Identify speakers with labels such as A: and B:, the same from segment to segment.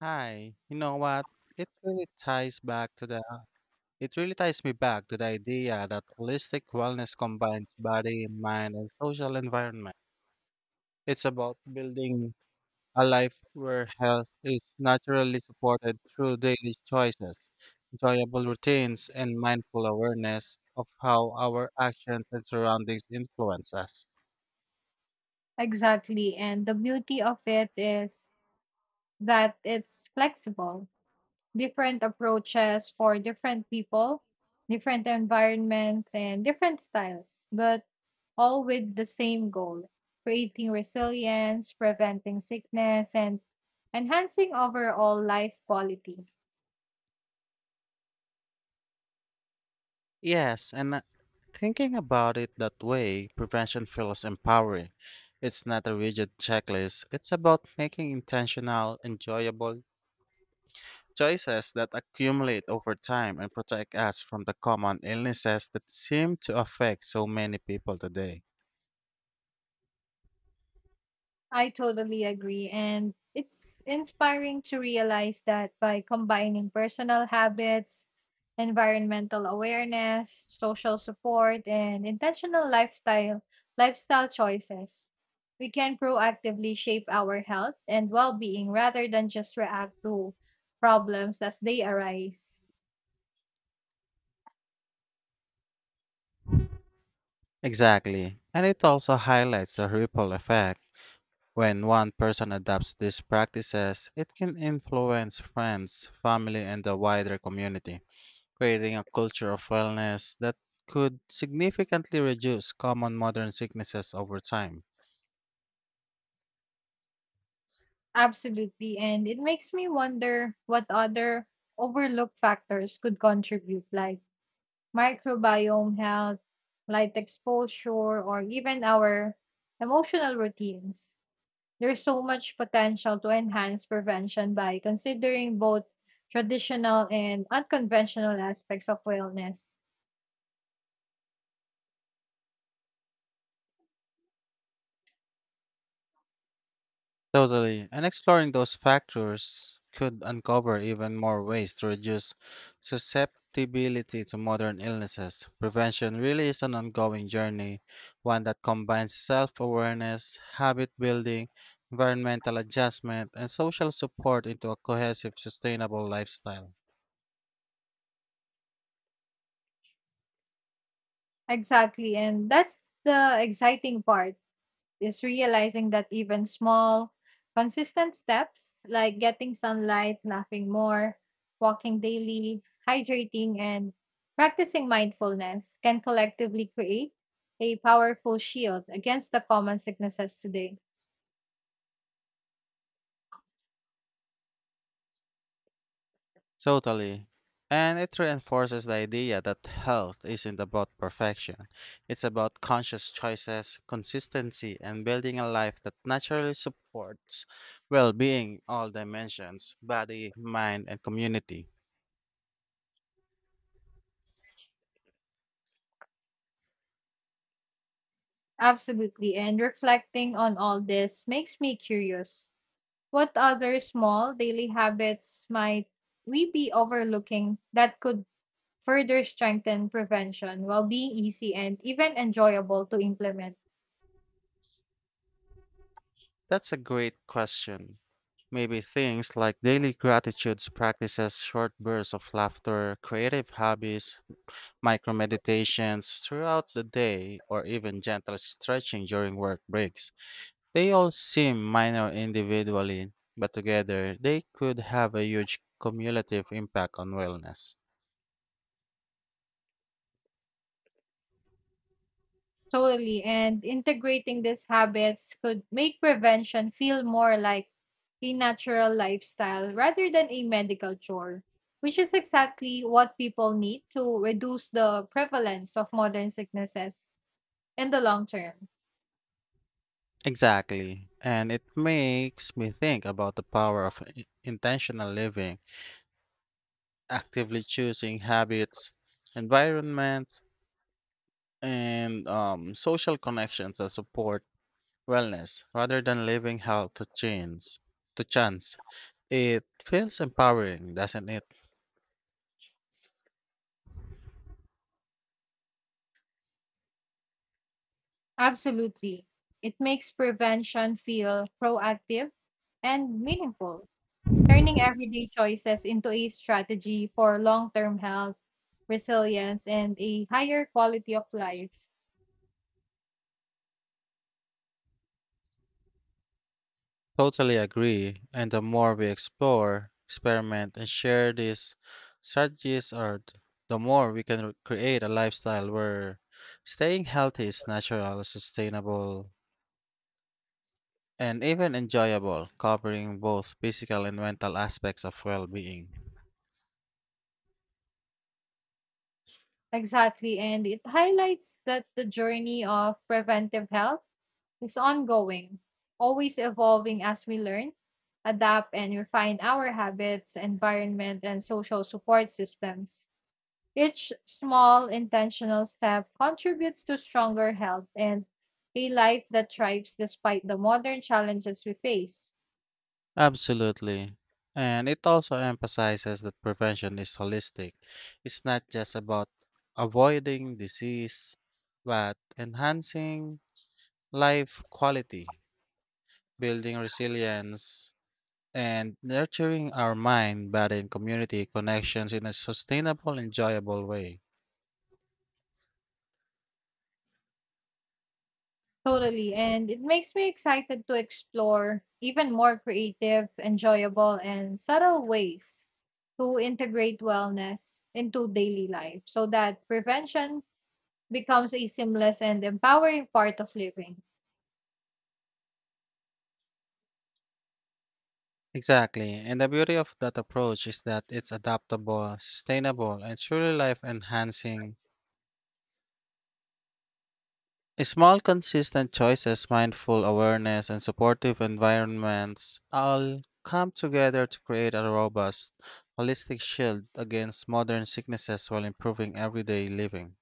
A: Hi, you know what? It really ties back to the it really ties me back to the idea that holistic wellness combines body, mind, and social environment. It's about building a life where health is naturally supported through daily choices, enjoyable routines, and mindful awareness of how our actions and surroundings influence us.
B: Exactly. And the beauty of it is that it's flexible. Different approaches for different people, different environments, and different styles, but all with the same goal creating resilience, preventing sickness, and enhancing overall life quality.
A: Yes, and thinking about it that way, prevention feels empowering. It's not a rigid checklist, it's about making intentional, enjoyable choices that accumulate over time and protect us from the common illnesses that seem to affect so many people today.
B: I totally agree. And it's inspiring to realize that by combining personal habits, environmental awareness, social support, and intentional lifestyle choices, we can proactively shape our health and well-being rather than just react to problems as they arise.
A: Exactly, and it also highlights the ripple effect. When one person adopts these practices, it can influence friends, family, and the wider community, creating a culture of wellness that could significantly reduce common modern sicknesses over time.
B: Absolutely. And it makes me wonder what other overlooked factors could contribute like microbiome health, light exposure, or even our emotional routines. There's so much potential to enhance prevention by considering both traditional and unconventional aspects of wellness.
A: Totally. And exploring those factors could uncover even more ways to reduce susceptibility to modern illnesses. Prevention really is an ongoing journey, one that combines self awareness, habit building, environmental adjustment, and social support into a cohesive, sustainable lifestyle.
B: Exactly. And that's the exciting part. Is realizing that even small, consistent steps like getting sunlight, laughing more, walking daily, hydrating, and practicing mindfulness can collectively create a powerful shield against the common sicknesses today.
A: Totally. And it reinforces the idea that health isn't about perfection. It's about conscious choices, consistency, and building a life that naturally supports well being in all dimensions body, mind, and community.
B: Absolutely. And reflecting on all this makes me curious. What other small daily habits might we be overlooking that could further strengthen prevention while being easy and even enjoyable to implement.
A: That's a great question. Maybe things like daily gratitudes practices, short bursts of laughter, creative hobbies, micro meditations throughout the day, or even gentle stretching during work breaks. They all seem minor individually, but together they could have a huge cumulative impact on wellness.
B: Totally. And integrating these habits could make prevention feel more like a natural lifestyle rather than a medical chore, which is exactly what people need to reduce the prevalence of modern sicknesses in the long term.
A: Exactly. And it makes me think about the power of intentional living, actively choosing habits, environments, and social connections that support wellness rather than leaving health to chance. It feels empowering, doesn't it?
B: Absolutely. It makes prevention feel proactive and meaningful. Turning everyday choices into a strategy for long-term health, resilience, and a higher quality of life.
A: Totally agree. And the more we explore, experiment, and share these strategies, the more we can create a lifestyle where staying healthy is natural, sustainable, and even enjoyable, covering both physical and mental aspects of well being.
B: Exactly. And it highlights that the journey of preventive health is ongoing, always evolving as we learn, adapt, and refine our habits, environment, and social support systems. Each small intentional step contributes to stronger health and a life that thrives despite the modern challenges we face.
A: Absolutely. And it also emphasizes that prevention is holistic. It's not just about avoiding disease, but enhancing life quality, building resilience, and nurturing our mind, body, and community connections in a sustainable, enjoyable way.
B: Totally. And it makes me excited to explore even more creative, enjoyable, and subtle ways to integrate wellness into daily life so that prevention becomes a seamless and empowering part of living.
A: Exactly. And the beauty of that approach is that it's adaptable, sustainable, and truly life enhancing. Small, consistent choices, mindful awareness, and supportive environments all come together to create a robust, holistic shield against modern sicknesses while improving everyday living.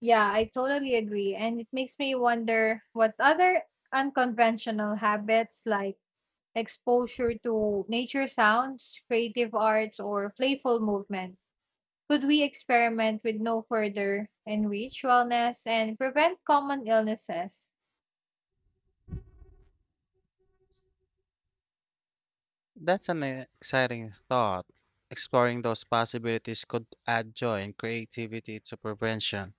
B: Yeah, I totally agree. And it makes me wonder what other unconventional habits like exposure to nature sounds, creative arts, or playful movement could we experiment with no further enrich wellness and prevent common illnesses?
A: That's an exciting thought. Exploring those possibilities could add joy and creativity to prevention,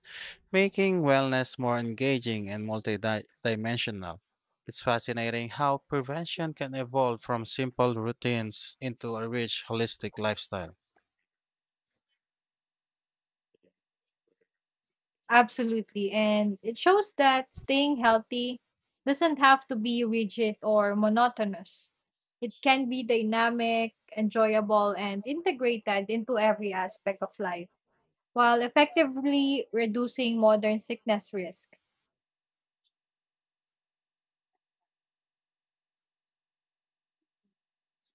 A: making wellness more engaging and multidimensional. It's fascinating how prevention can evolve from simple routines into a rich, holistic lifestyle.
B: Absolutely. And it shows that staying healthy doesn't have to be rigid or monotonous. It can be dynamic, enjoyable, and integrated into every aspect of life while effectively reducing modern sickness risk.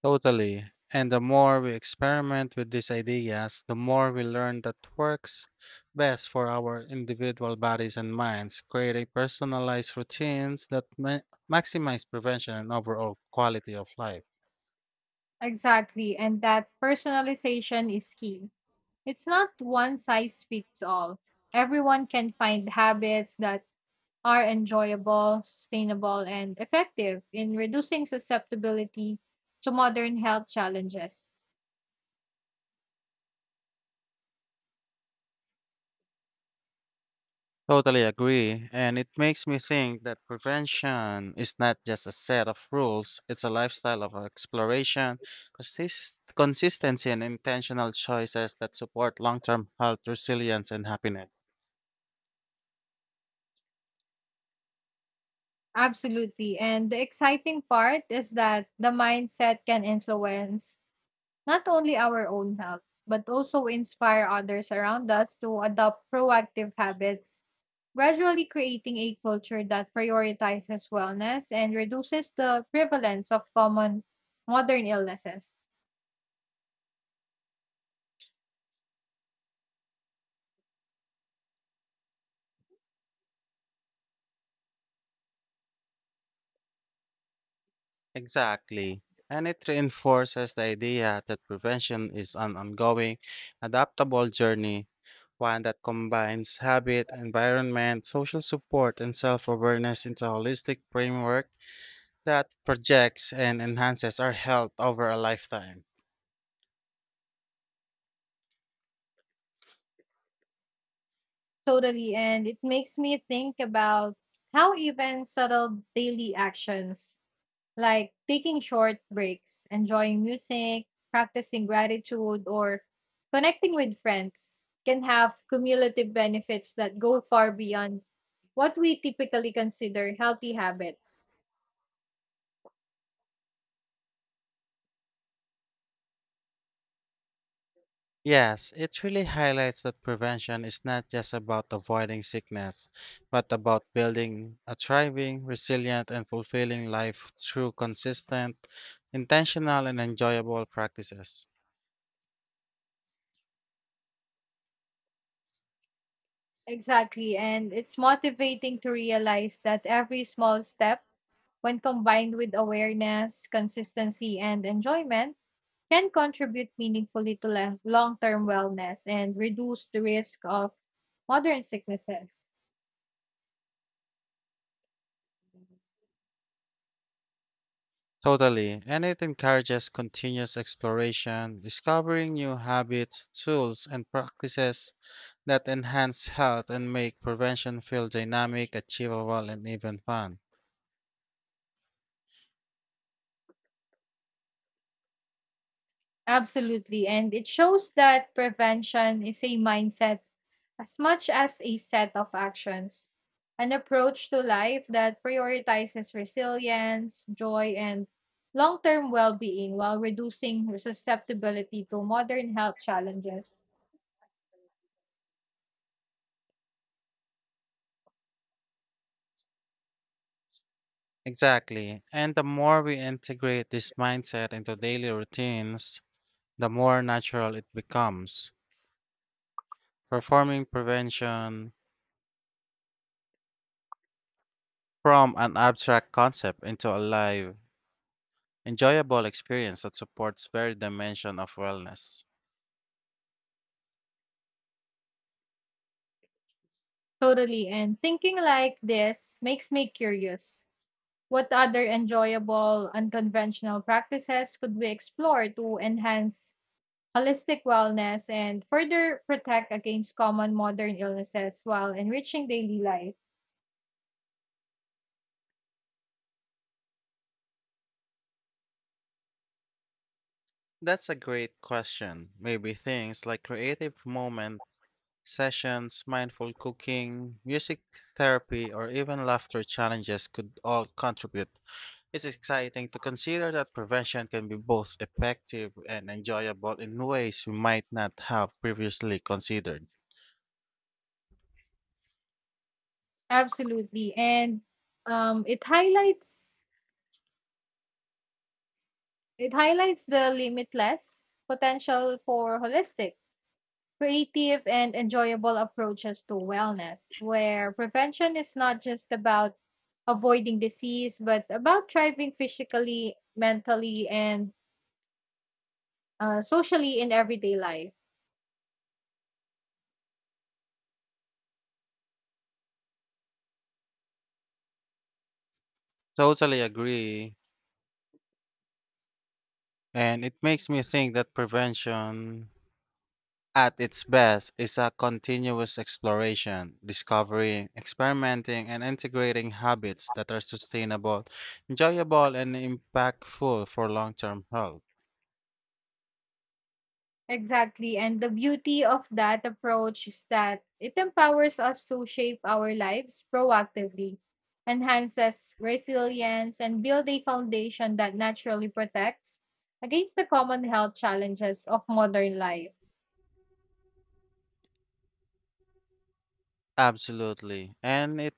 A: Totally. And the more we experiment with these ideas, the more we learn that works best for our individual bodies and minds, creating personalized routines that maximize prevention and overall quality of life.
B: Exactly. And that personalization is key. It's not one size fits all. Everyone can find habits that are enjoyable, sustainable, and effective in reducing susceptibility to modern health challenges.
A: Totally agree. And it makes me think that prevention is not just a set of rules, it's a lifestyle of exploration, consistency, and intentional choices that support long term health, resilience, and happiness.
B: Absolutely. And the exciting part is that the mindset can influence not only our own health, but also inspire others around us to adopt proactive habits, gradually creating a culture that prioritizes wellness and reduces the prevalence of common modern illnesses.
A: Exactly. And it reinforces the idea that prevention is an ongoing, adaptable journey, one that combines habit, environment, social support, and self awareness into a holistic framework that projects and enhances our health over a lifetime.
B: Totally. And it makes me think about how even subtle daily actions like taking short breaks, enjoying music, practicing gratitude, or connecting with friends can have cumulative benefits that go far beyond what we typically consider healthy habits.
A: Yes, it really highlights that prevention is not just about avoiding sickness, but about building a thriving, resilient, and fulfilling life through consistent, intentional, and enjoyable practices.
B: Exactly, and it's motivating to realize that every small step, when combined with awareness, consistency, and enjoyment, can contribute meaningfully to long term wellness and reduce the risk of modern sicknesses.
A: Totally, and it encourages continuous exploration, discovering new habits, tools, and practices that enhance health and make prevention feel dynamic, achievable, and even fun.
B: Absolutely. And it shows that prevention is a mindset as much as a set of actions, an approach to life that prioritizes resilience, joy, and long term well being while reducing susceptibility to modern health challenges.
A: Exactly. And the more we integrate this mindset into daily routines, the more natural it becomes, performing prevention from an abstract concept into a live, enjoyable experience that supports every dimension of wellness.
B: Totally. And thinking like this makes me curious. What other enjoyable, unconventional practices could we explore to enhance holistic wellness and further protect against common modern illnesses while enriching daily life.
A: That's a great question. Maybe things like creative moments, sessions, mindful cooking, music therapy, or even laughter challenges could all contribute. It's exciting to consider that prevention can be both effective and enjoyable in ways we might not have previously considered.
B: Absolutely. And it highlights the limitless potential for holistic, creative and enjoyable approaches to wellness, where prevention is not just about avoiding disease, but about thriving physically, mentally, and socially in everyday life.
A: Totally agree. And it makes me think that prevention at its best is a continuous exploration, discovery, experimenting, and integrating habits that are sustainable, enjoyable, and impactful for long term health.
B: Exactly. And the beauty of that approach is that it empowers us to shape our lives proactively, enhances resilience, and build a foundation that naturally protects against the common health challenges of modern life.
A: Absolutely. And it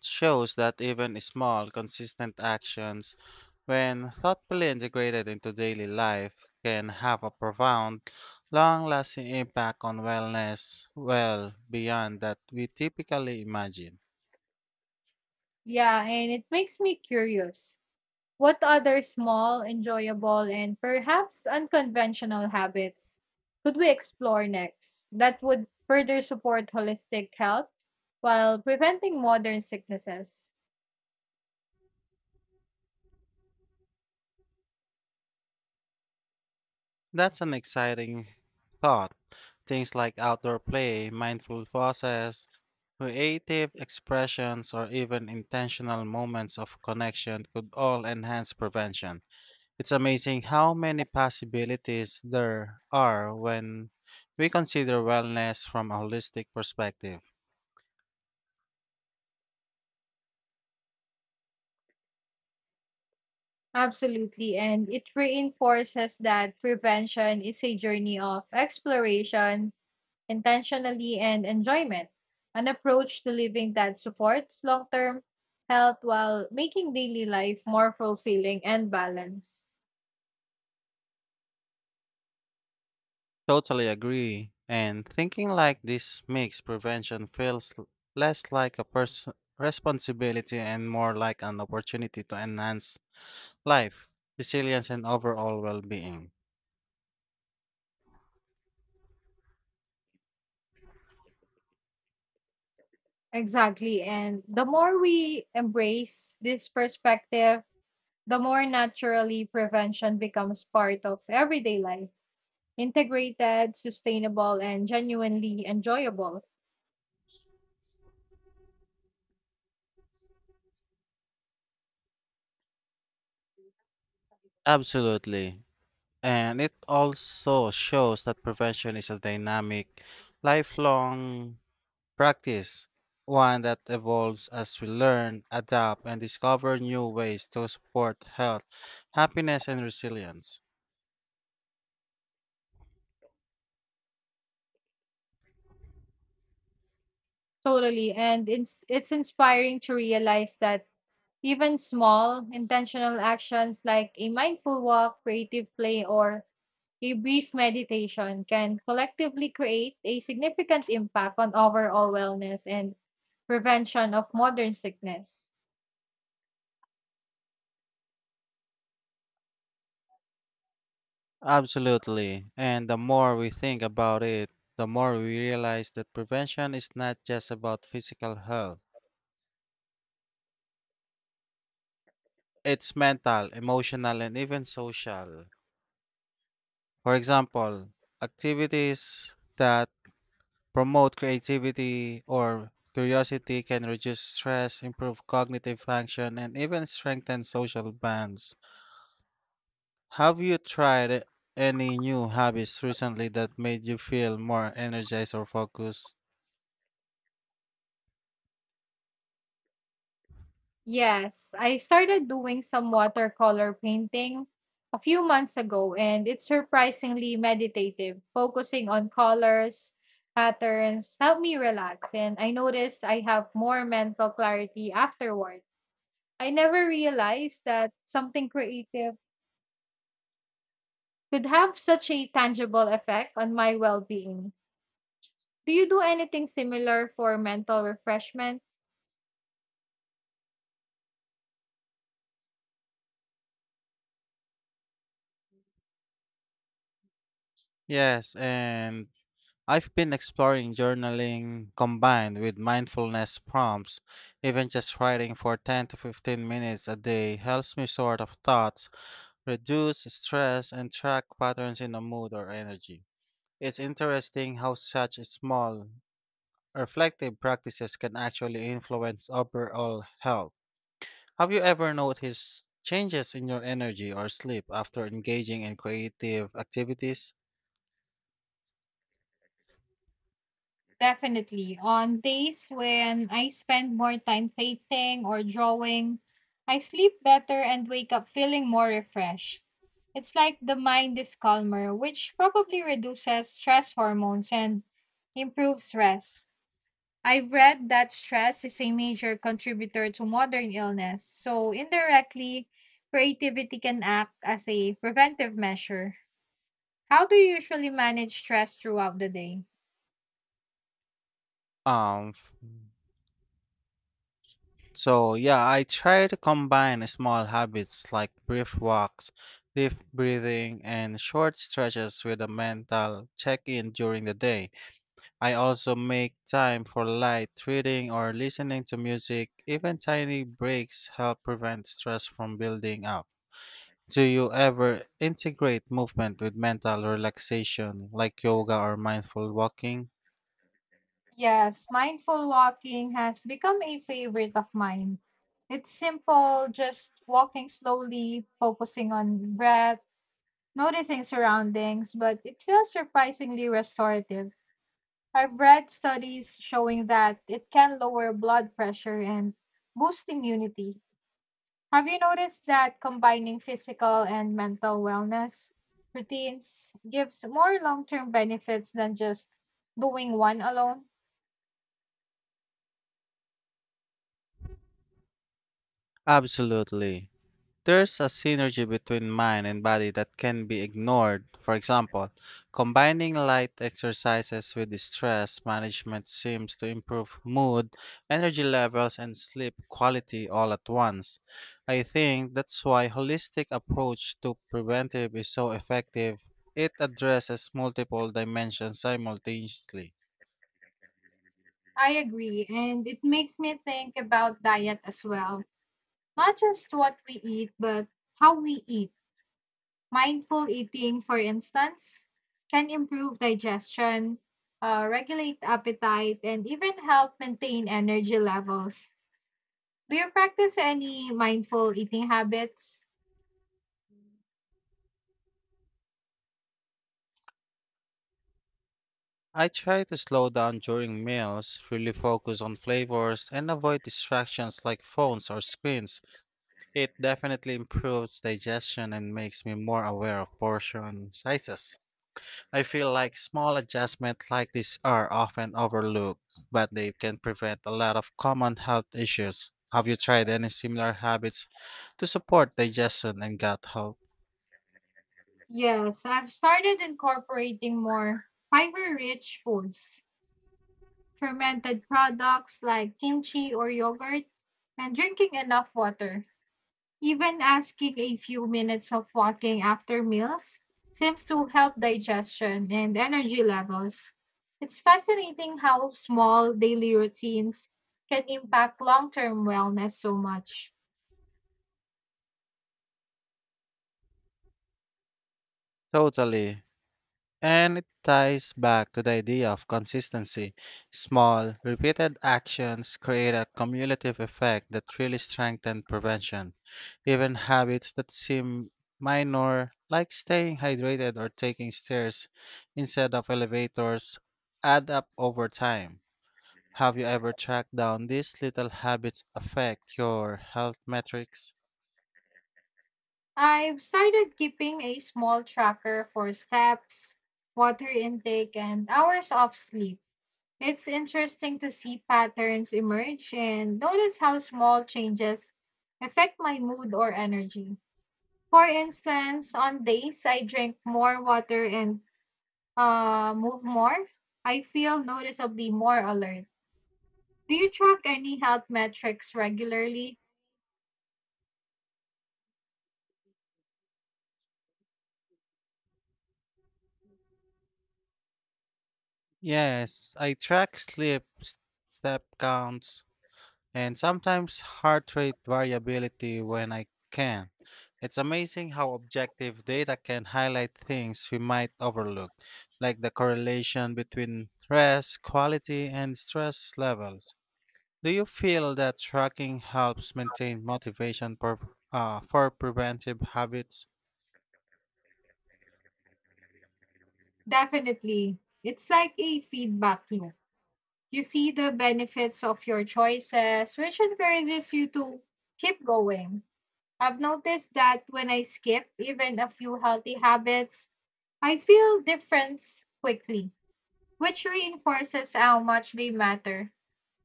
A: shows that even small, consistent actions, when thoughtfully integrated into daily life, can have a profound, long lasting impact on wellness well beyond that we typically imagine.
B: Yeah, and it makes me curious. What other small, enjoyable, and perhaps unconventional habits could we explore next that would further support holistic health while preventing modern sicknesses?
A: That's an exciting thought. Things like outdoor play, mindful process, creative expressions, or even intentional moments of connection could all enhance prevention. It's amazing how many possibilities there are when we consider wellness from a holistic perspective.
B: Absolutely. And it reinforces that prevention is a journey of exploration, intentionally, and enjoyment, an approach to living that supports long term health while making daily life more fulfilling and balanced.
A: Totally agree. And thinking like this makes prevention feels less like a responsibility and more like an opportunity to enhance life, resilience, and overall well being.
B: Exactly. And the more we embrace this perspective, the more naturally prevention becomes part of everyday life. Integrated, sustainable, and genuinely enjoyable.
A: Absolutely. And it also shows that prevention is a dynamic, lifelong practice, one that evolves as we learn, adapt, and discover new ways to support health, happiness, and resilience.
B: Totally. And it's inspiring to realize that even small, intentional actions like a mindful walk, creative play, or a brief meditation can collectively create a significant impact on overall wellness and prevention of modern sickness.
A: Absolutely. And the more we think about it, the more we realize that prevention is not just about physical health, it's mental, emotional, and even social. For example, activities that promote creativity or curiosity can reduce stress, improve cognitive function, and even strengthen social bonds. Have you tried any new hobbies recently that made you feel more energized or focused?
B: Yes, I started doing some watercolor painting a few months ago, and it's surprisingly meditative. Focusing on colors, patterns help me relax, and I notice I have more mental clarity afterward. I never realized that something creative could have such a tangible effect on my well being. Do you do anything similar for mental refreshment?
A: Yes, and I've been exploring journaling combined with mindfulness prompts. Even just writing for 10 to 15 minutes a day helps me sort of thoughts, reduce stress, and track patterns in a mood or energy. It's interesting how such small, reflective practices can actually influence overall health. Have you ever noticed changes in your energy or sleep after engaging in creative activities?
B: Definitely. On days when I spend more time painting or drawing, I sleep better and wake up feeling more refreshed. It's like the mind is calmer, which probably reduces stress hormones and improves rest. I've read that stress is a major contributor to modern illness, so indirectly, creativity can act as a preventive measure. How do you usually manage stress throughout the day?
A: Um, so yeah, I try to combine small habits like brief walks, deep breathing, and short stretches with a mental check in during the day. I also make time for light reading or listening to music. Even tiny breaks help prevent stress from building up. Do you ever integrate movement with mental relaxation like yoga or mindful walking?
B: Yes, mindful walking has become a favorite of mine. It's simple, just walking slowly, focusing on breath, noticing surroundings, but it feels surprisingly restorative. I've read studies showing that it can lower blood pressure and boost immunity. Have you noticed that combining physical and mental wellness routines gives more long term benefits than just doing one alone?
A: Absolutely. There's a synergy between mind and body that can be ignored. For example, combining light exercises with stress management seems to improve mood, energy levels, and sleep quality all at once. I think that's why holistic approach to preventive is so effective. It addresses multiple dimensions simultaneously.
B: I agree, and it makes me think about diet as well. Not just what we eat, but how we eat. Mindful eating, for instance, can improve digestion, regulate appetite, and even help maintain energy levels. Do you practice any mindful eating habits?
A: I try to slow down during meals, really focus on flavors, and avoid distractions like phones or screens. It definitely improves digestion and makes me more aware of portion sizes. I feel like small adjustments like this are often overlooked, but they can prevent a lot of common health issues. Have you tried any similar habits to support digestion and gut health?
B: Yes, I've started incorporating more fiber rich foods, fermented products like kimchi or yogurt, and drinking enough water. Even asking a few minutes of walking after meals seems to help digestion and energy levels. It's fascinating how small daily routines can impact long term wellness so much.
A: Totally. And it ties back to the idea of consistency. Small, repeated actions create a cumulative effect that really strengthen prevention. Even habits that seem minor, like staying hydrated or taking stairs instead of elevators, add up over time. Have you ever tracked down these little habits affect your health metrics?
B: I've started keeping a small tracker for steps, water intake, and hours of sleep. It's interesting to see patterns emerge and notice how small changes affect my mood or energy. For instance, on days I drink more water and move more, I feel noticeably more alert. Do you track any health metrics regularly?
A: Yes, I track sleep, step counts, and sometimes heart rate variability when I can. It's amazing how objective data can highlight things we might overlook, like the correlation between rest quality and stress levels. Do you feel that tracking helps maintain motivation for preventive habits?
B: Definitely. It's like a feedback loop. You see the benefits of your choices, which encourages you to keep going. I've noticed that when I skip even a few healthy habits, I feel difference quickly, which reinforces how much they matter.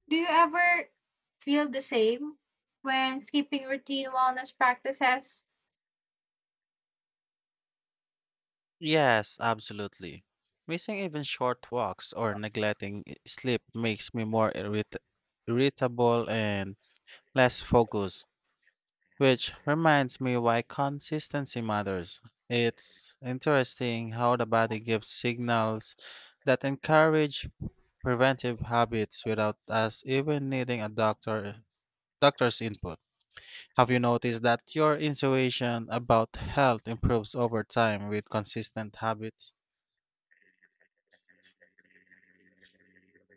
B: Do you ever feel the same when skipping routine wellness practices?
A: Yes, absolutely. Missing even short walks or neglecting sleep makes me more irritable and less focused, which reminds me why consistency matters. It's interesting how the body gives signals that encourage preventive habits without us even needing a doctor's input. Have you noticed that your intuition about health improves over time with consistent habits?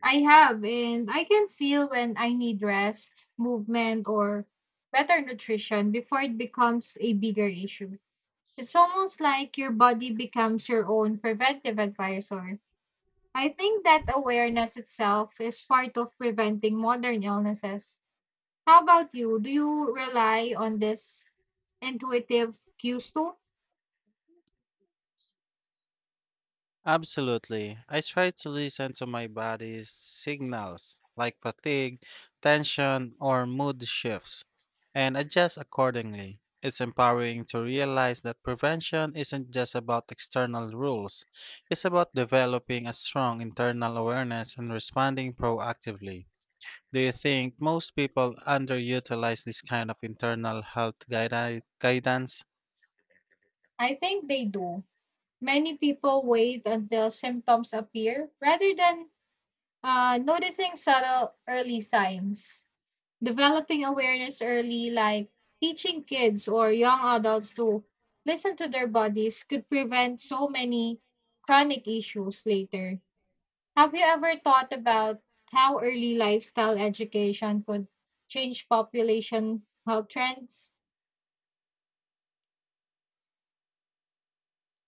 B: I have, and I can feel when I need rest, movement, or better nutrition before it becomes a bigger issue. It's almost like your body becomes your own preventive advisor. I think that awareness itself is part of preventing modern illnesses. How about you? Do you rely on this intuitive cues too?
A: Absolutely. I try to listen to my body's signals like fatigue, tension, or mood shifts and adjust accordingly. It's empowering to realize that prevention isn't just about external rules, it's about developing a strong internal awareness and responding proactively. Do you think most people underutilize this kind of internal health guidance?
B: I think they do. Many people wait until symptoms appear rather than noticing subtle early signs. Developing awareness early, like teaching kids or young adults to listen to their bodies, could prevent so many chronic issues later. Have you ever thought about how early lifestyle education could change population health trends?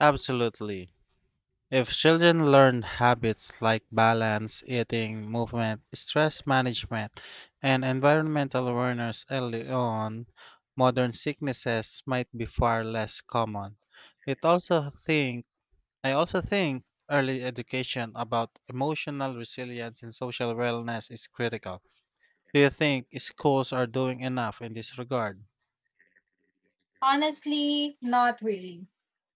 A: Absolutely. If children learn habits like balance, eating, movement, stress management, and environmental awareness early on, modern sicknesses might be far less common. It also think I also think early education about emotional resilience and social wellness is critical. Do you think schools are doing enough in this regard?
B: Honestly, not really.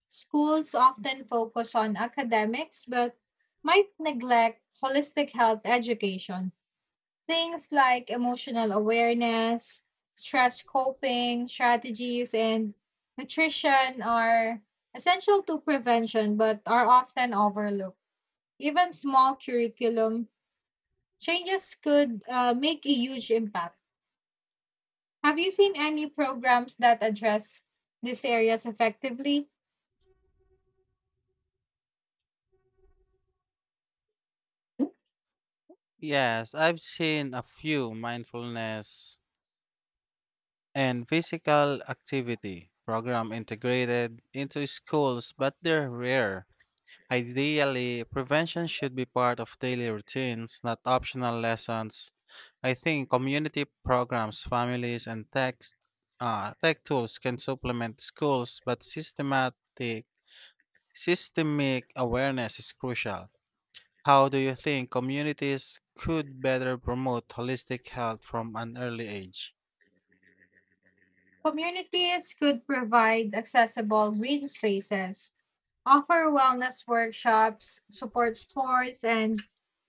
B: Schools often focus on academics but might neglect holistic health education. Things like emotional awareness, stress coping strategies, and nutrition are essential to prevention but are often overlooked. Even small curriculum changes could make a huge impact. Have you seen any programs that address these areas effectively?
A: Yes, I've seen a few mindfulness and physical activity program integrated into schools, but they're rare. Ideally, prevention should be part of daily routines, not optional lessons. I think community programs, families, and tech tools can supplement schools, but systemic awareness is crucial. How do you think communities could better promote holistic health from an early age?
B: Communities could provide accessible green spaces, offer wellness workshops, support sports and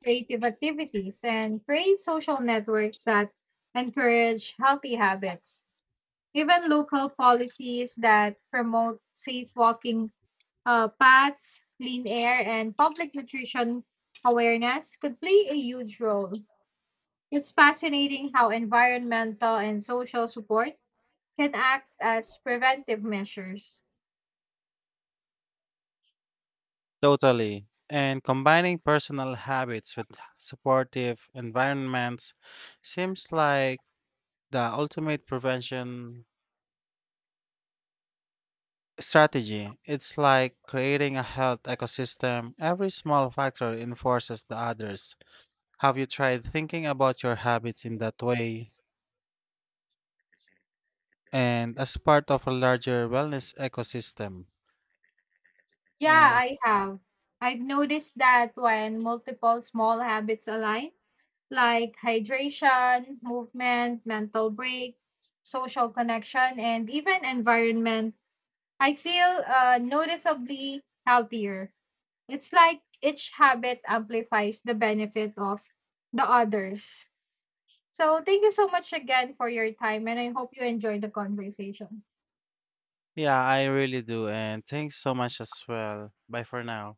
B: creative activities, and create social networks that encourage healthy habits. Even local policies that promote safe walking paths, clean air, and public nutrition awareness could play a huge role. It's fascinating how environmental and social support can act as preventive measures.
A: Totally. And combining personal habits with supportive environments seems like the ultimate prevention strategy. It's like creating a health ecosystem. Every small factor enforces the others. Have you tried thinking about your habits in that way and as part of a larger wellness ecosystem?
B: Yeah,
A: And
B: I have. I've noticed that when multiple small habits align, like hydration, movement, mental break, social connection, and even environment, I feel noticeably healthier. It's like each habit amplifies the benefit of the others. So, thank you so much again for your time, and I hope you enjoyed the conversation.
A: yeah, I really do. And thanks so much as well. Bye for now.